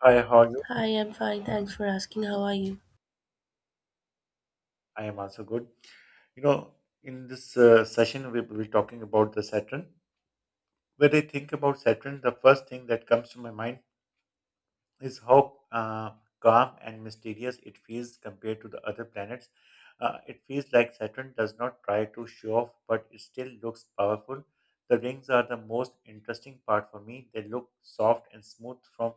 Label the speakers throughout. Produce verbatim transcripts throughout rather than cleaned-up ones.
Speaker 1: Hi, how are you?
Speaker 2: Hi, I'm fine. Thanks for asking. How are you?
Speaker 1: I am also good. You know, in this uh, session, we will be talking about the Saturn. When I think about Saturn, the first thing that comes to my mind is how uh, calm and mysterious it feels compared to the other planets. Uh, it feels like Saturn does not try to show off, but it still looks powerful. The rings are the most interesting part for me. They look soft and smooth from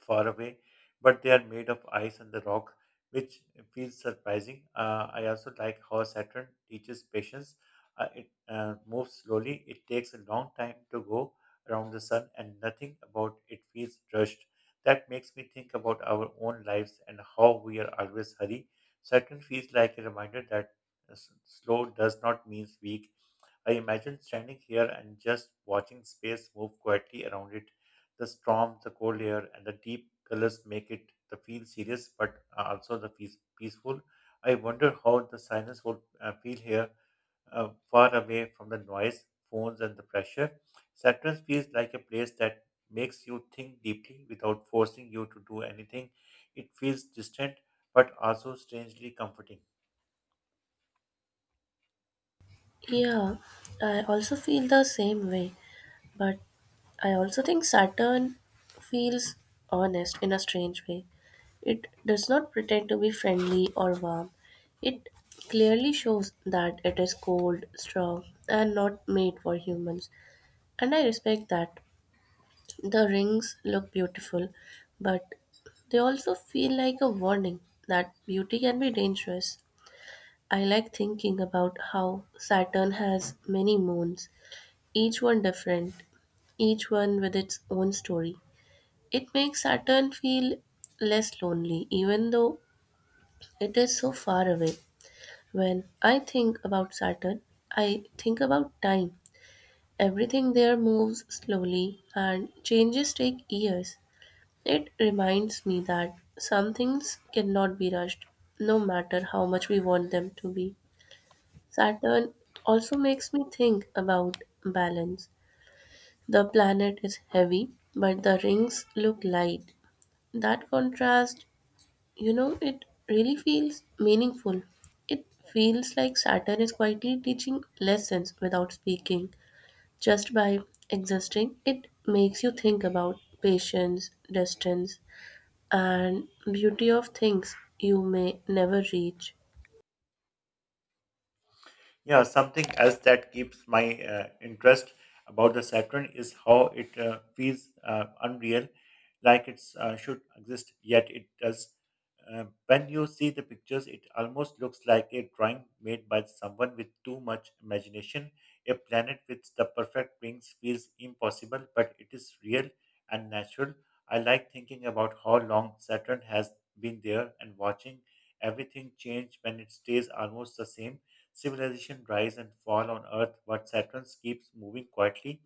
Speaker 1: far away, but they are made of ice and the rock, which feels surprising. Uh, I also like how Saturn teaches patience. Uh, it uh, moves slowly, it takes a long time to go around the sun, and nothing about it feels rushed. That makes me think about our own lives and how we are always hurry. Saturn feels like a reminder that s- slow does not mean weak. I imagine standing here and just watching space move quietly around it. The storm, the cold air, and the deep colors make it the feel serious, but uh, also the peace, peaceful. I wonder how the silence would uh, feel here, uh, far away from the noise, phones, and the pressure. Saturn feels like a place that makes you think deeply without forcing you to do anything. It feels distant, but also strangely comforting.
Speaker 2: Yeah, I also feel the same way, but I also think Saturn feels honest in a strange way. It does not pretend to be friendly or warm. It clearly shows that it is cold, strong, and not made for humans. And I respect that. The rings look beautiful, but they also feel like a warning that beauty can be dangerous. I like thinking about how Saturn has many moons, each one different, each one with its own story. It makes Saturn feel less lonely, even though it is so far away. When I think about Saturn, I think about time. Everything there moves slowly, and changes take years. It reminds me that some things cannot be rushed, no matter how much we want them to be. Saturn also makes me think about balance. The planet is heavy, but the rings look light. That contrast, you know, it really feels meaningful. It feels like Saturn is quietly teaching lessons without speaking. Just by existing, it makes you think about patience, distance, and beauty of things you may never reach.
Speaker 1: Yeah, something else that keeps my uh, interest about the Saturn is how it uh, feels uh, unreal, like it uh, should exist, yet it does. Uh, when you see the pictures, it almost looks like a drawing made by someone with too much imagination. A planet with the perfect rings feels impossible, but it is real and natural. I like thinking about how long Saturn has been there and watching everything change when it stays almost the same civilization rise and fall on Earth, but Saturn keeps moving quietly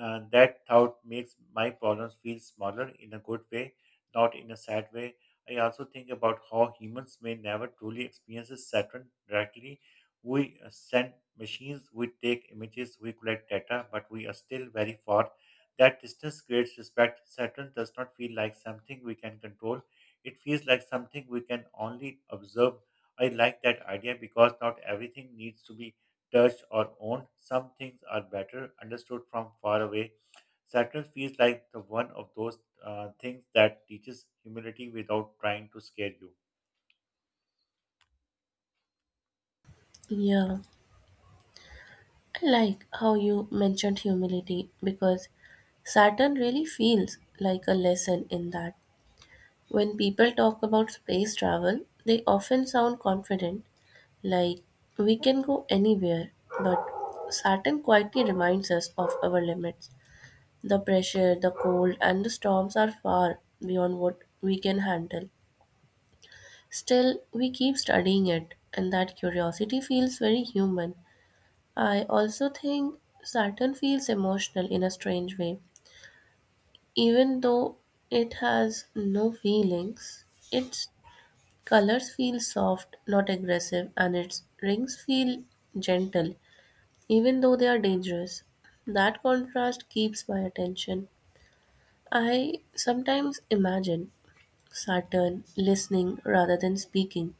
Speaker 1: uh, that thought makes my problems feel smaller in a good way, not in a sad way. I also think about how humans may never truly experience Saturn directly. We uh, send machines, we take images, we collect data, but we are still very far. That distance creates respect. Saturn does not feel like something we can control. It feels like something we can only observe. I like that idea because not everything needs to be touched or owned. Some things are better understood from far away. Saturn feels like the one of those uh, things that teaches humility without trying to scare you.
Speaker 2: Yeah. I like how you mentioned humility because Saturn really feels like a lesson in that. When people talk about space travel, they often sound confident, like we can go anywhere, but Saturn quietly reminds us of our limits. The pressure, the cold, and the storms are far beyond what we can handle. Still, we keep studying it, and that curiosity feels very human. I also think Saturn feels emotional in a strange way. Even though it has no feelings, its colors feel soft, not aggressive, and its rings feel gentle, even though they are dangerous. That contrast keeps my attention. I sometimes imagine Saturn listening rather than speaking.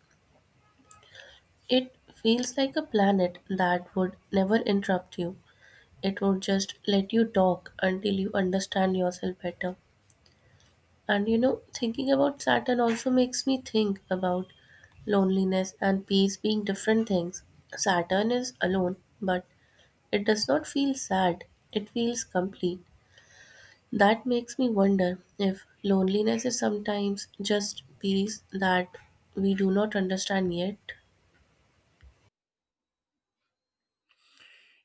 Speaker 2: It feels like a planet that would never interrupt you. It would just let you talk until you understand yourself better, and you know thinking about Saturn also makes me think about loneliness and peace being different things. Saturn is alone, but it does not feel sad. It feels complete. That makes me wonder if loneliness is sometimes just peace that we do not understand yet.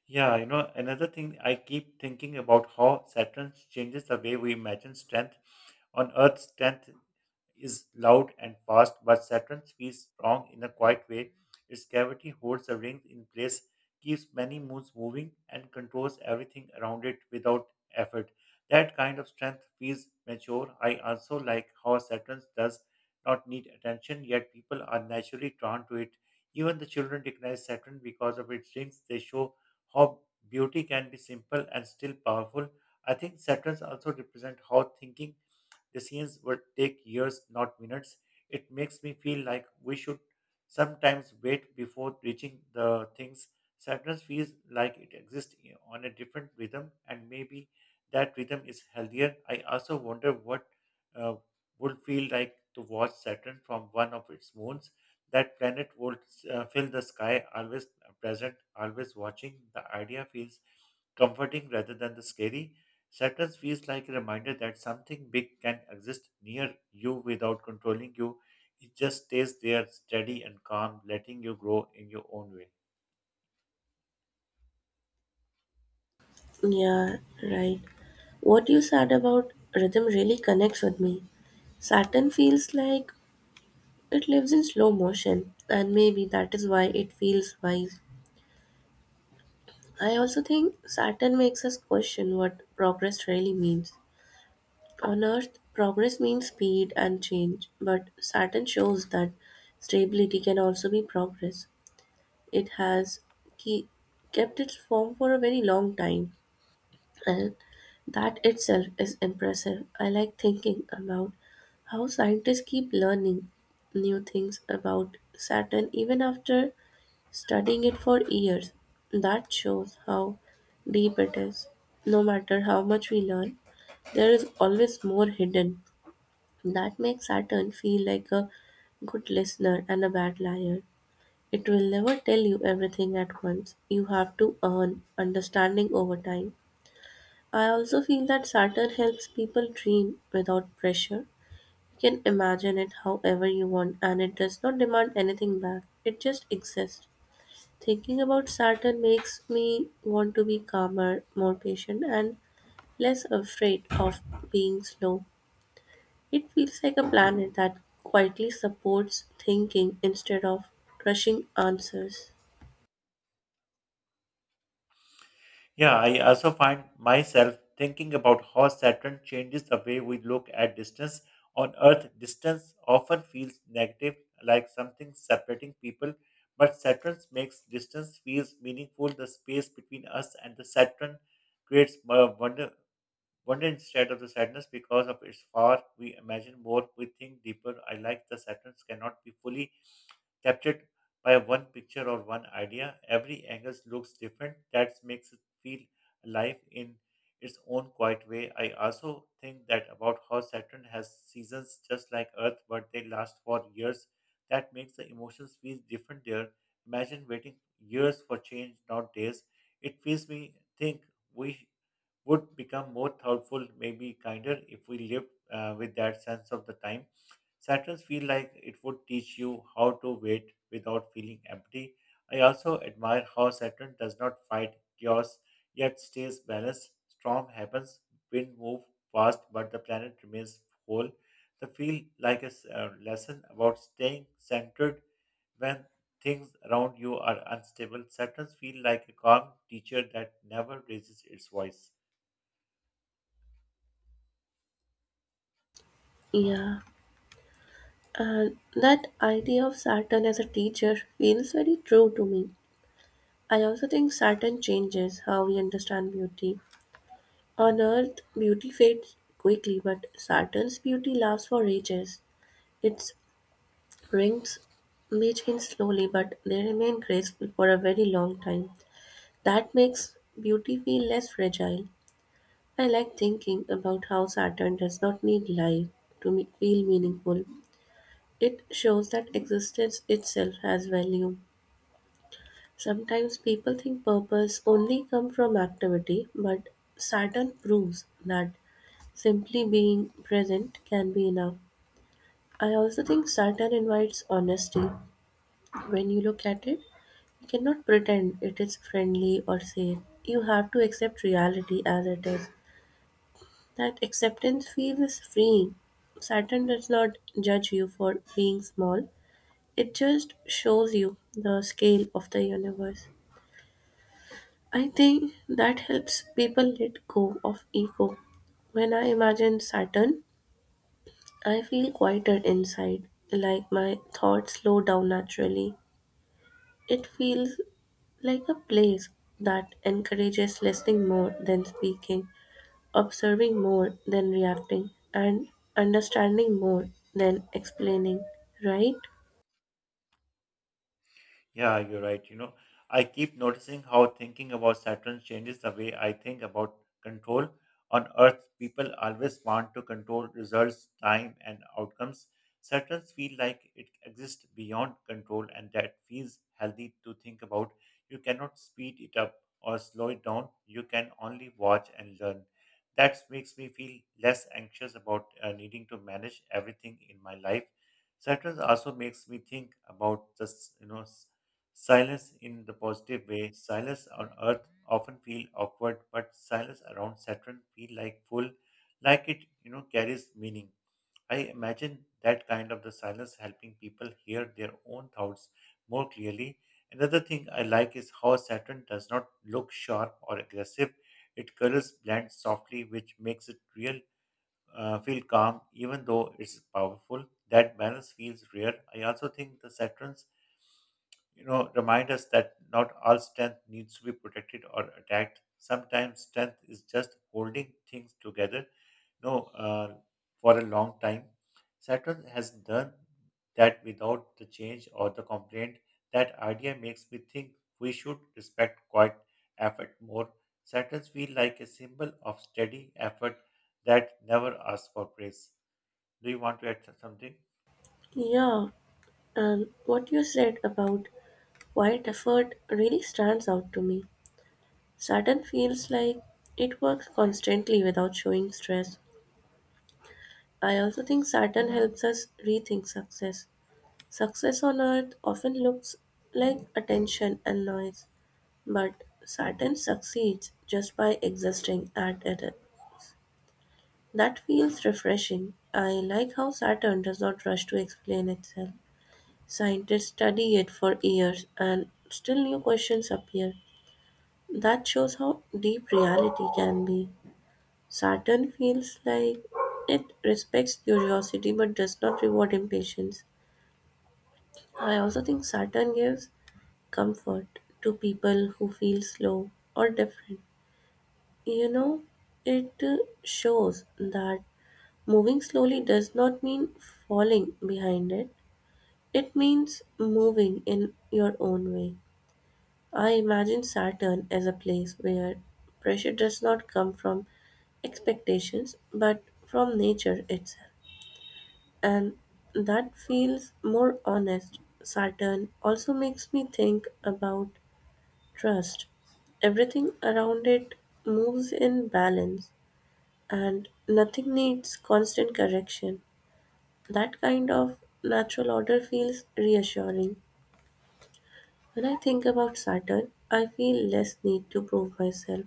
Speaker 1: Yeah, you know, another thing I keep thinking about how Saturn changes the way we imagine strength. On Earth, strength is loud and fast, but Saturn's feels strong in a quiet way. Its gravity holds the rings in place, keeps many moons moving, and controls everything around it without effort. That kind of strength feels mature. I also like how Saturn does not need attention, yet people are naturally drawn to it. Even the children recognize Saturn because of its rings. They show how beauty can be simple and still powerful. I think Saturns also represent how thinking decisions will take years, not minutes. It makes me feel like we should sometimes wait before reaching the things. Sadness feels like it exists i- on a different rhythm, and maybe that rhythm is healthier. I also wonder what uh, would feel like to watch Saturn from one of its moons. That planet would uh, fill the sky, always present, always watching. The idea feels comforting rather than the scary. Saturn feels like a reminder that something big can exist near you without controlling you. It just stays there, steady and calm, letting you grow in your own way.
Speaker 2: Yeah, right. What you said about rhythm really connects with me. Saturn feels like it lives in slow motion, and maybe that is why it feels wise. I also think Saturn makes us question what progress really means. On Earth, progress means speed and change, but Saturn shows that stability can also be progress. It has ke- kept its form for a very long time, and that itself is impressive. I like thinking about how scientists keep learning new things about Saturn even after studying it for years. That shows how deep it is. No matter how much we learn, there is always more hidden. That makes Saturn feel like a good listener and a bad liar. It will never tell you everything at once. You have to earn understanding over time. I also feel that Saturn helps people dream without pressure. You can imagine it however you want and it does not demand anything back. It just exists. Thinking about Saturn makes me want to be calmer, more patient, and less afraid of being slow. It feels like a planet that quietly supports thinking instead of rushing answers.
Speaker 1: Yeah, I also find myself thinking about how Saturn changes the way we look at distance. On Earth, distance often feels negative, like something separating people, but Saturn makes distance feels meaningful. The space between us and the Saturn creates more wonder, wonder instead of the sadness because of its far we imagine more we think deeper I like the saturns cannot be fully captured by one picture or one idea every angle looks different that makes it feel alive in its own quiet way I also think that about how saturn has seasons just like earth but they last for years that makes the emotions feel different there imagine waiting years for change not days it feels me think we would become more thoughtful, maybe kinder, if we lived uh, with that sense of the time. Saturns feel like it would teach you how to wait without feeling empty. I also admire how Saturn does not fight chaos yet stays balanced. Storm happens, wind move fast, but the planet remains whole. The feel like a s- uh, lesson about staying centered when things around you are unstable. Saturns feel like a calm teacher that never raises its voice.
Speaker 2: Yeah, and that idea of Saturn as a teacher feels very true to me. I also think Saturn changes how we understand beauty. On Earth, beauty fades quickly, but Saturn's beauty lasts for ages. It's rings may change slowly, but they remain graceful for a very long time. That makes beauty feel less fragile. I like thinking about how Saturn does not need life to me- feel meaningful. It shows that existence itself has value. Sometimes people think purpose only come from activity, but Saturn proves that simply being present can be enough. I also think Saturn invites honesty when you look at it. You cannot pretend it is friendly or safe. You have to accept reality as it is. That acceptance feels freeing. Saturn does not judge you for being small, it just shows you the scale of the universe. I think that helps people let go of ego. When I imagine Saturn, I feel quieter inside, like my thoughts slow down naturally. It feels like a place that encourages listening more than speaking, observing more than reacting, and understanding more than explaining, right?
Speaker 1: Yeah, you're right. You know, I keep noticing how thinking about Saturn changes the way I think about control. On Earth, people always want to control results, time, and outcomes. Saturn feel like it exists beyond control, and that feels healthy to think about. You cannot speed it up or slow it down. You can only watch and learn. That makes me feel less anxious about uh, needing to manage everything in my life. Saturn also makes me think about this, you know silence in the positive way. Silence on Earth often feel awkward, but silence around Saturn feel like full, like it you know carries meaning. I imagine that kind of the silence helping people hear their own thoughts more clearly. Another thing I like is how Saturn does not look sharp or aggressive. It colors blend softly, which makes it real, uh, feel calm, even though it's powerful. That balance feels rare. I also think the Saturn's you know, remind us that not all strength needs to be protected or attacked. Sometimes strength is just holding things together, you know, uh, for a long time. Saturn has done that without the change or the complaint. That idea makes me think we should respect quiet effort more. Saturns feel like a symbol of steady effort that never asks for praise. Do you want to add something?
Speaker 2: Yeah, and what you said about quiet effort really stands out to me. Saturn feels like it works constantly without showing stress. I also think Saturn helps us rethink success. Success on Earth often looks like attention and noise, but Saturn succeeds just by existing at it. That feels refreshing. I like how Saturn does not rush to explain itself. Scientists study it for years and still new questions appear. That shows how deep reality can be. Saturn feels like it respects curiosity but does not reward impatience. I also think Saturn gives comfort to people who feel slow or different. You know, it uh, shows that moving slowly does not mean falling behind it. It means moving in your own way. I imagine Saturn as a place where pressure does not come from expectations but from nature itself. And that feels more honest. Saturn also makes me think about trust. Everything around it moves in balance and nothing needs constant correction. That kind of natural order feels reassuring. When I think about Saturn, I feel less need to prove myself.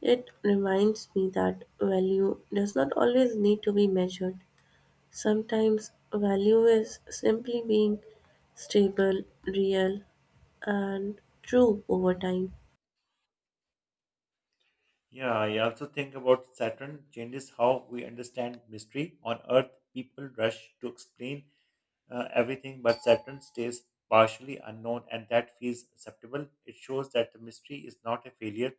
Speaker 2: It reminds me that value does not always need to be measured. Sometimes value is simply being stable, real, and true over time.
Speaker 1: Yeah, I also think about Saturn changes how we understand mystery. On Earth, people rush to explain uh, everything, but Saturn stays partially unknown, and that feels acceptable. It shows that the mystery is not a failure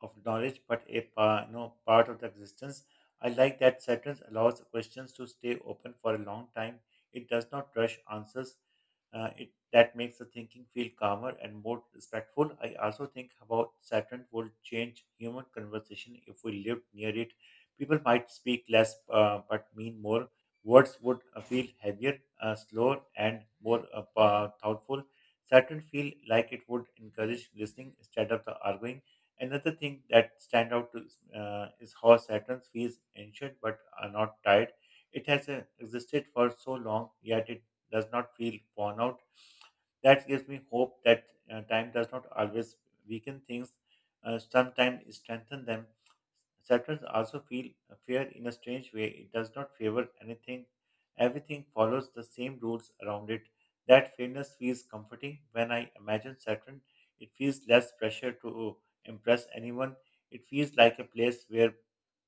Speaker 1: of knowledge, but a pa- you know, part of the existence. I like that Saturn allows questions to stay open for a long time. It does not rush answers. Uh, it that makes the thinking feel calmer and more respectful. I also think about Saturn would change human conversation if we lived near it. People might speak less uh, but mean more. Words would uh, feel heavier, uh, slower, and more uh, pa- thoughtful. Saturn feel like it would encourage listening instead of the arguing. Another thing that stand out is, uh, is how Saturn's fees ancient but are not tired. It has uh, existed for so long, yet it does not feel worn out. That gives me hope that uh, time does not always weaken things, uh, sometimes strengthen them. Saturns also feel fair in a strange way. It does not favor anything. Everything follows the same rules around it. That fairness feels comforting. When I imagine Saturn, it feels less pressure to impress anyone. It feels like a place where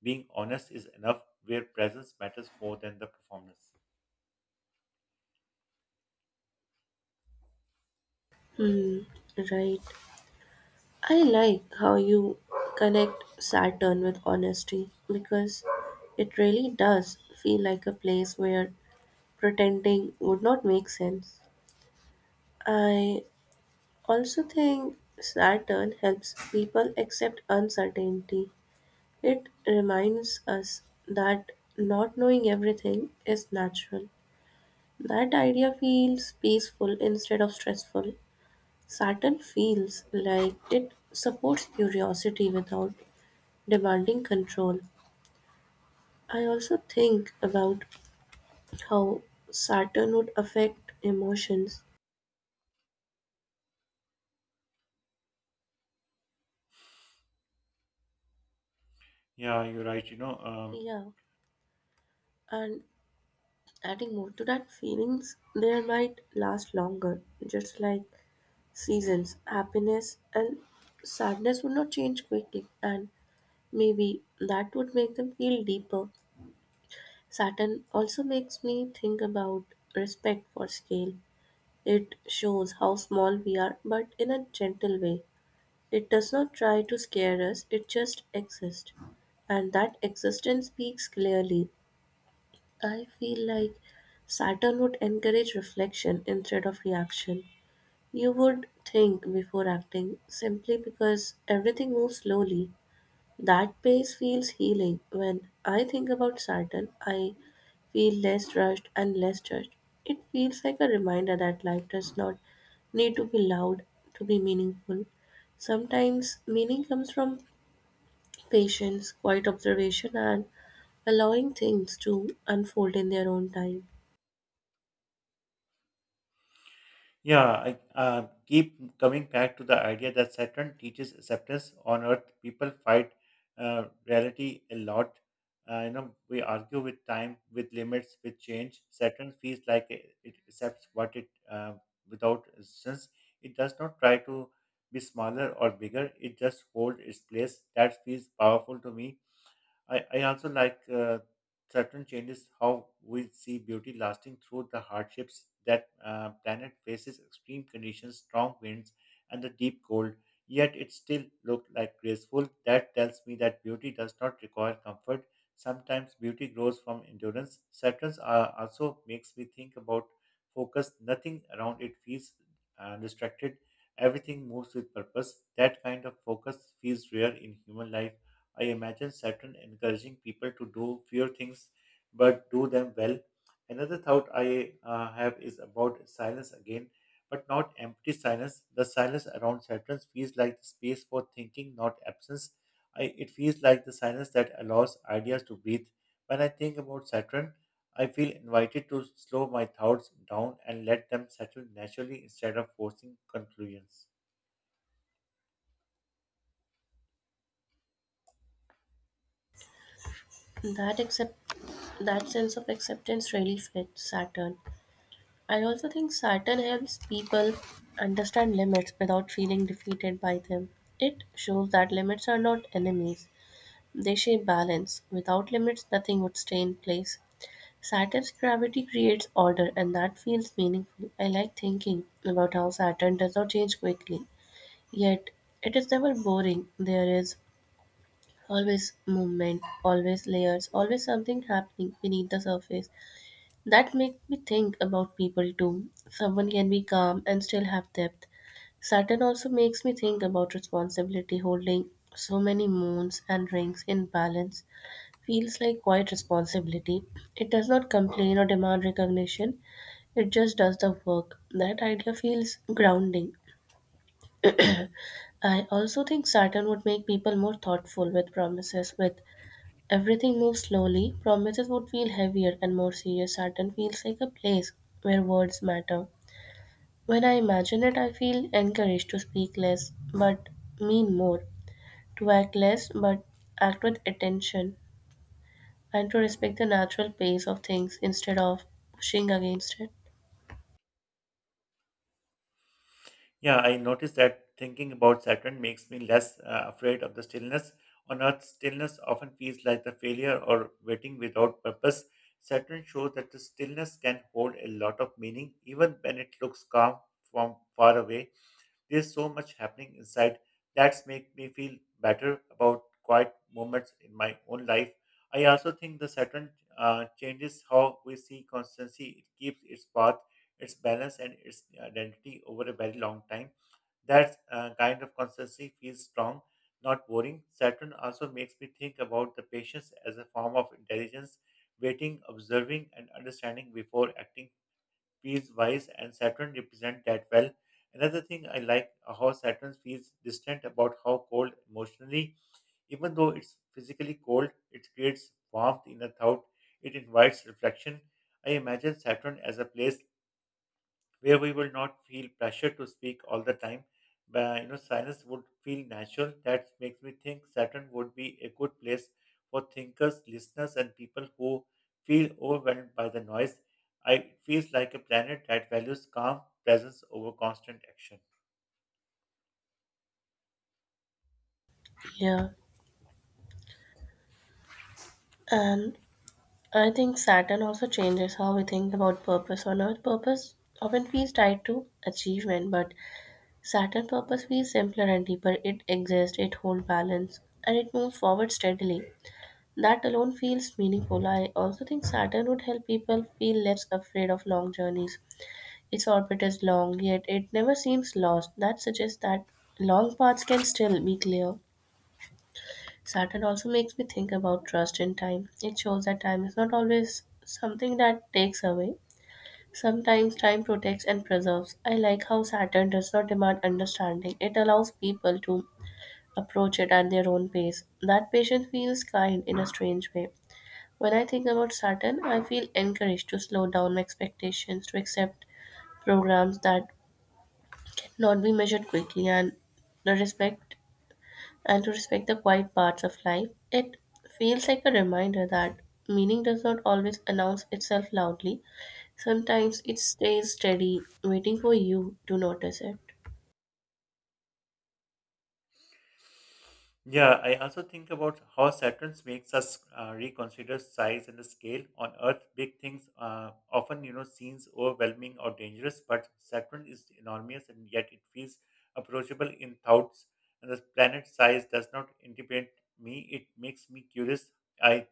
Speaker 1: being honest is enough, where presence matters more than the performance.
Speaker 2: Hmm, right. I like how you connect Saturn with honesty because it really does feel like a place where pretending would not make sense. I also think Saturn helps people accept uncertainty. It reminds us that not knowing everything is natural. That idea feels peaceful instead of stressful. Saturn feels like it supports curiosity without demanding control. I also think about how Saturn would affect emotions.
Speaker 1: Yeah, you're right. You know, um,
Speaker 2: Yeah, and adding more to that, feelings there might last longer, just like seasons. Happiness and sadness would not change quickly, and maybe that would make them feel deeper. Saturn also makes me think about respect for scale. It shows how small we are, but in a gentle way. It does not try to scare us, it just exists. And that existence speaks clearly. I feel like Saturn would encourage reflection instead of reaction. You would think before acting simply because everything moves slowly. That pace feels healing. When I think about Saturn, I feel less rushed and less judged. It feels like a reminder that life does not need to be loud to be meaningful. Sometimes meaning comes from patience, quiet observation, and allowing things to unfold in their own time.
Speaker 1: Yeah, I uh, keep coming back to the idea that Saturn teaches acceptance on Earth. People fight uh, reality a lot. Uh, you know, we argue with time, with limits, with change. Saturn feels like it, it accepts what it uh, without resistance. It does not try to be smaller or bigger. It just holds its place. That feels powerful to me. I, I also like uh, certain changes how we see beauty lasting through the hardships that uh, planet faces extreme conditions, strong winds, and the deep cold. Yet it still looked like graceful. That tells me that beauty does not require comfort. Sometimes beauty grows from endurance. Saturn uh, also makes me think about focus. Nothing around it feels uh, distracted. Everything moves with purpose. That kind of focus feels rare in human life. I imagine Saturn encouraging people to do fewer things but do them well. Another thought I uh, have is about silence again, but not empty silence. The silence around Saturn feels like the space for thinking, not absence. I, it feels like the silence that allows ideas to breathe. When I think about Saturn, I feel invited to slow my thoughts down and let them settle naturally instead of forcing conclusions.
Speaker 2: That accept that sense of acceptance really fits Saturn. I also think Saturn helps people understand limits without feeling defeated by them. It shows that limits are not enemies. They shape balance. Without limits, nothing would stay in place. Saturn's gravity creates order, and that feels meaningful. I like thinking about how Saturn does not change quickly. Yet, it is never boring. There is always movement, always layers, always something happening beneath the surface. That makes me think about people too. Someone can be calm and still have depth. Saturn also makes me think about responsibility holding so many moons and rings in balance feels like quiet responsibility. It does not complain or demand recognition, it just does the work. That idea feels grounding. I also think Saturn would make people more thoughtful with promises. With everything moves slowly, promises would feel heavier and more serious. Saturn feels like a place where words matter. When I imagine it, I feel encouraged to speak less but mean more, to act less but act with attention, and to respect the natural pace of things instead of pushing against it.
Speaker 1: Yeah, I noticed that thinking about Saturn makes me less uh, afraid of the stillness. On Earth, stillness often feels like the failure or waiting without purpose. Saturn shows that the stillness can hold a lot of meaning, even when it looks calm from far away. There's so much happening inside that's make me feel better about quiet moments in my own life. I also think the Saturn uh, changes how we see constancy. It keeps its path, its balance, and its uh, identity over a very long time that uh, kind of constancy feels strong, not boring. Saturn also makes me think about the patience as a form of intelligence. Waiting, observing, and understanding before acting feels wise, and Saturn represents that well. Another thing I like how Saturn feels distant about how cold emotionally, even though it's physically cold, it creates warmth in the thought. It invites reflection. I imagine Saturn as a place where we will not feel pressure to speak all the time. Uh, you know, silence would feel natural. That makes me think Saturn would be a good place for thinkers, listeners, and people who feel overwhelmed by the noise. I It feels like a planet that values calm presence over constant action.
Speaker 2: Yeah. And I think Saturn also changes how we think about purpose on Earth. Purpose often feels tied to achievement, but Saturn purpose feels simpler and deeper. It exists, it holds balance, and it moves forward steadily. That alone feels meaningful. I also think Saturn would help people feel less afraid of long journeys. Its orbit is long, yet it never seems lost. That suggests that long paths can still be clear. Saturn also makes me think about trust in time. It shows that time is not always something that takes away. Sometimes time protects and preserves. I like how Saturn does not demand understanding, it allows people to approach it at their own pace. That patience feels kind in a strange way. When I think about Saturn, I feel encouraged to slow down my expectations, to accept programs that not be measured quickly, and the respect and to respect the quiet parts of life. It feels like a reminder that meaning does not always announce itself loudly. Sometimes it stays steady, waiting for you to notice it.
Speaker 1: Yeah, I also think about how Saturn makes us uh, reconsider size and the scale. On Earth, big things uh, often, you know, seems overwhelming or dangerous, but Saturn is enormous and yet it feels approachable in thoughts. And the planet size does not intimidate me; it makes me curious. I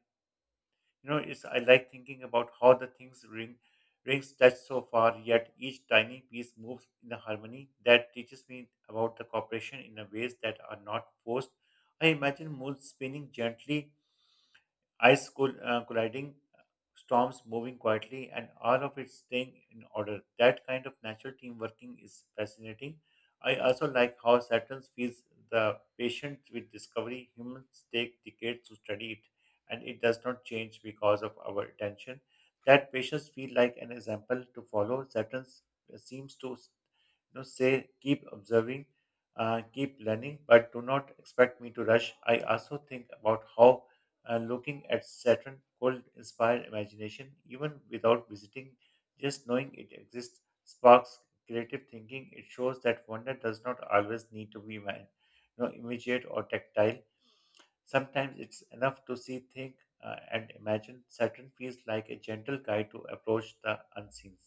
Speaker 1: you know, it's I like thinking about how the things ring rings touch so far, yet each tiny piece moves in the harmony that teaches me about the cooperation in a ways that are not forced. I imagine moon spinning gently ice cool, uh, colliding, storms moving quietly, and all of it staying in order. That kind of natural team working is fascinating. I also like how Saturn feeds the patient with discovery. Humans take decades to study it, and it does not change because of our attention. That patients feel like an example to follow. Saturn seems to you know, say, keep observing, uh, keep learning, but do not expect me to rush. I also think about how and looking at Saturn could inspire imagination even without visiting. Just knowing it exists sparks creative thinking. It shows that wonder does not always need to be man, you know, immediate or tactile. Sometimes it's enough to see, think, uh, and imagine. Saturn feels like a gentle guide to approach the unseen.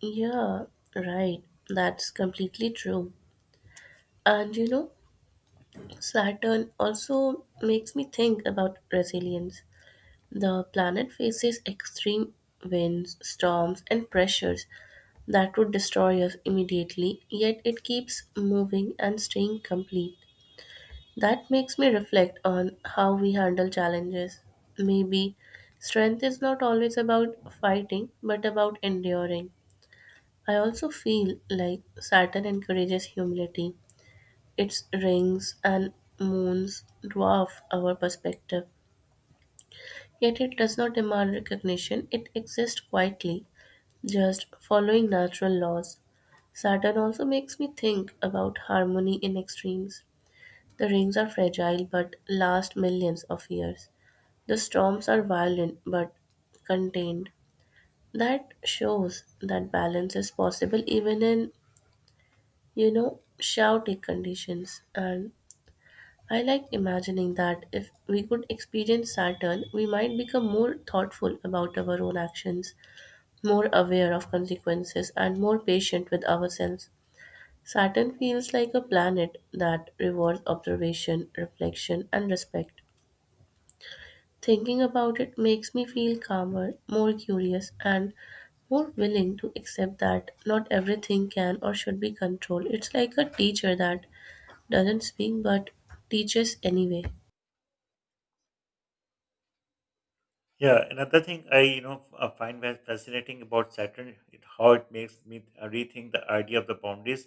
Speaker 2: Yeah, right. That's completely true. And you know, Saturn also makes me think about resilience. The planet faces extreme winds, storms, and pressures that would destroy us immediately, yet it keeps moving and staying complete. That makes me reflect on how we handle challenges. Maybe strength is not always about fighting, but about enduring. I also feel like Saturn encourages humility. Its rings and moons dwarf our perspective. Yet it does not demand recognition, it exists quietly, just following natural laws. Saturn also makes me think about harmony in extremes. The rings are fragile but last millions of years. The storms are violent but contained. That shows that balance is possible even in, you know, chaotic conditions. And I like imagining that if we could experience Saturn, we might become more thoughtful about our own actions, more aware of consequences, and more patient with ourselves. Saturn feels like a planet that rewards observation, reflection, and respect. Thinking about it makes me feel calmer, more curious, and more willing to accept that not everything can or should be controlled. It's like a teacher that doesn't speak but teaches anyway.
Speaker 1: Yeah, another thing I you know f- uh, find very fascinating about Saturn, it, how it makes me uh, rethink the idea of the boundaries.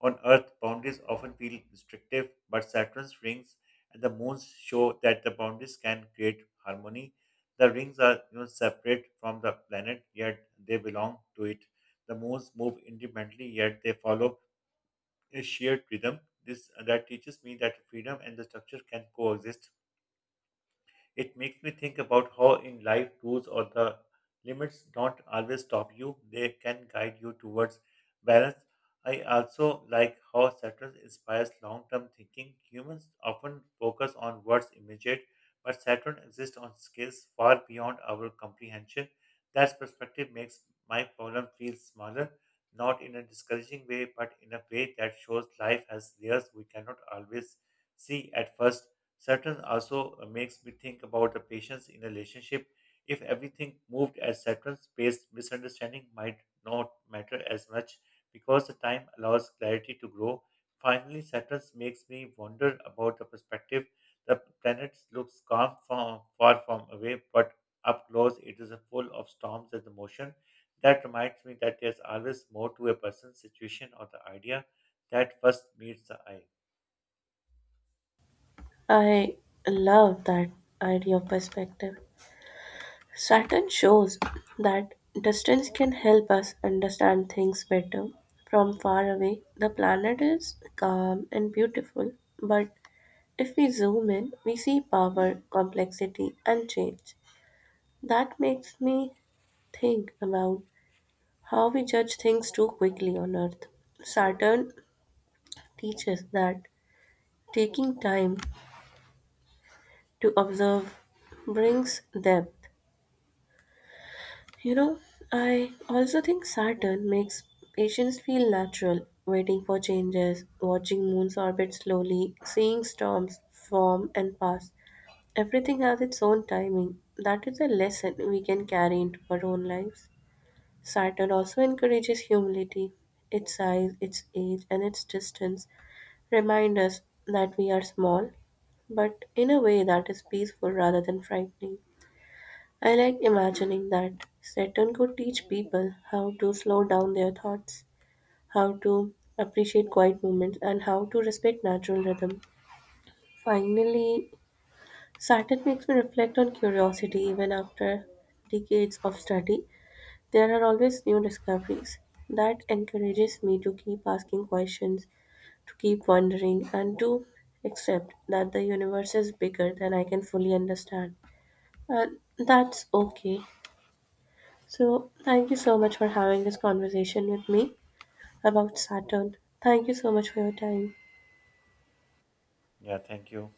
Speaker 1: On Earth, boundaries often feel restrictive, but Saturn's rings and the moons show that the boundaries can create harmony. The rings are you know separate from the planet, yet they belong to it. The moons move independently, yet they follow a shared rhythm. This uh, That teaches me that freedom and the structure can coexist, it makes me think about how in life rules or the limits don't always stop you, they can guide you towards balance. I also like how Saturn inspires long term thinking. Humans often focus on what's immediate, but Saturn exists on scales far beyond our comprehension. That perspective makes my problem feel smaller, not in a discouraging way, but in a way that shows life has layers we cannot always see at first. Saturn also uh, makes me think about the patience in a relationship. If everything moved as Saturn's pace, misunderstanding might not matter as much because the time allows clarity to grow. Finally, Saturn makes me wonder about the perspective. The planet looks calm from, far from away, but up close it is full of storms and emotion. That reminds me that there's always more to a person's situation or the idea that first meets the eye.
Speaker 2: I love that idea of perspective. Saturn shows that distance can help us understand things better. From far away, the planet is calm and beautiful, but if we zoom in, we see power, complexity, and change. That makes me think about how we judge things too quickly on Earth. Saturn teaches that taking time to observe brings depth. You know, I also think Saturn makes patients feel natural, waiting for changes, watching moons orbit slowly, seeing storms form and pass. Everything has its own timing. That is a lesson we can carry into our own lives. Saturn also encourages humility, its size, its age, and its distance remind us that we are small, but in a way that is peaceful rather than frightening. I like imagining that Saturn could teach people how to slow down their thoughts, how to appreciate quiet moments, and how to respect natural rhythm. Finally, Saturn makes me reflect on curiosity even after decades of study. There are always new discoveries that encourages me to keep asking questions, to keep wondering, and to accept that the universe is bigger than I can fully understand. And that's okay. So, thank you so much for having this conversation with me about Saturn. Thank you so much for your time.
Speaker 1: Yeah, thank you.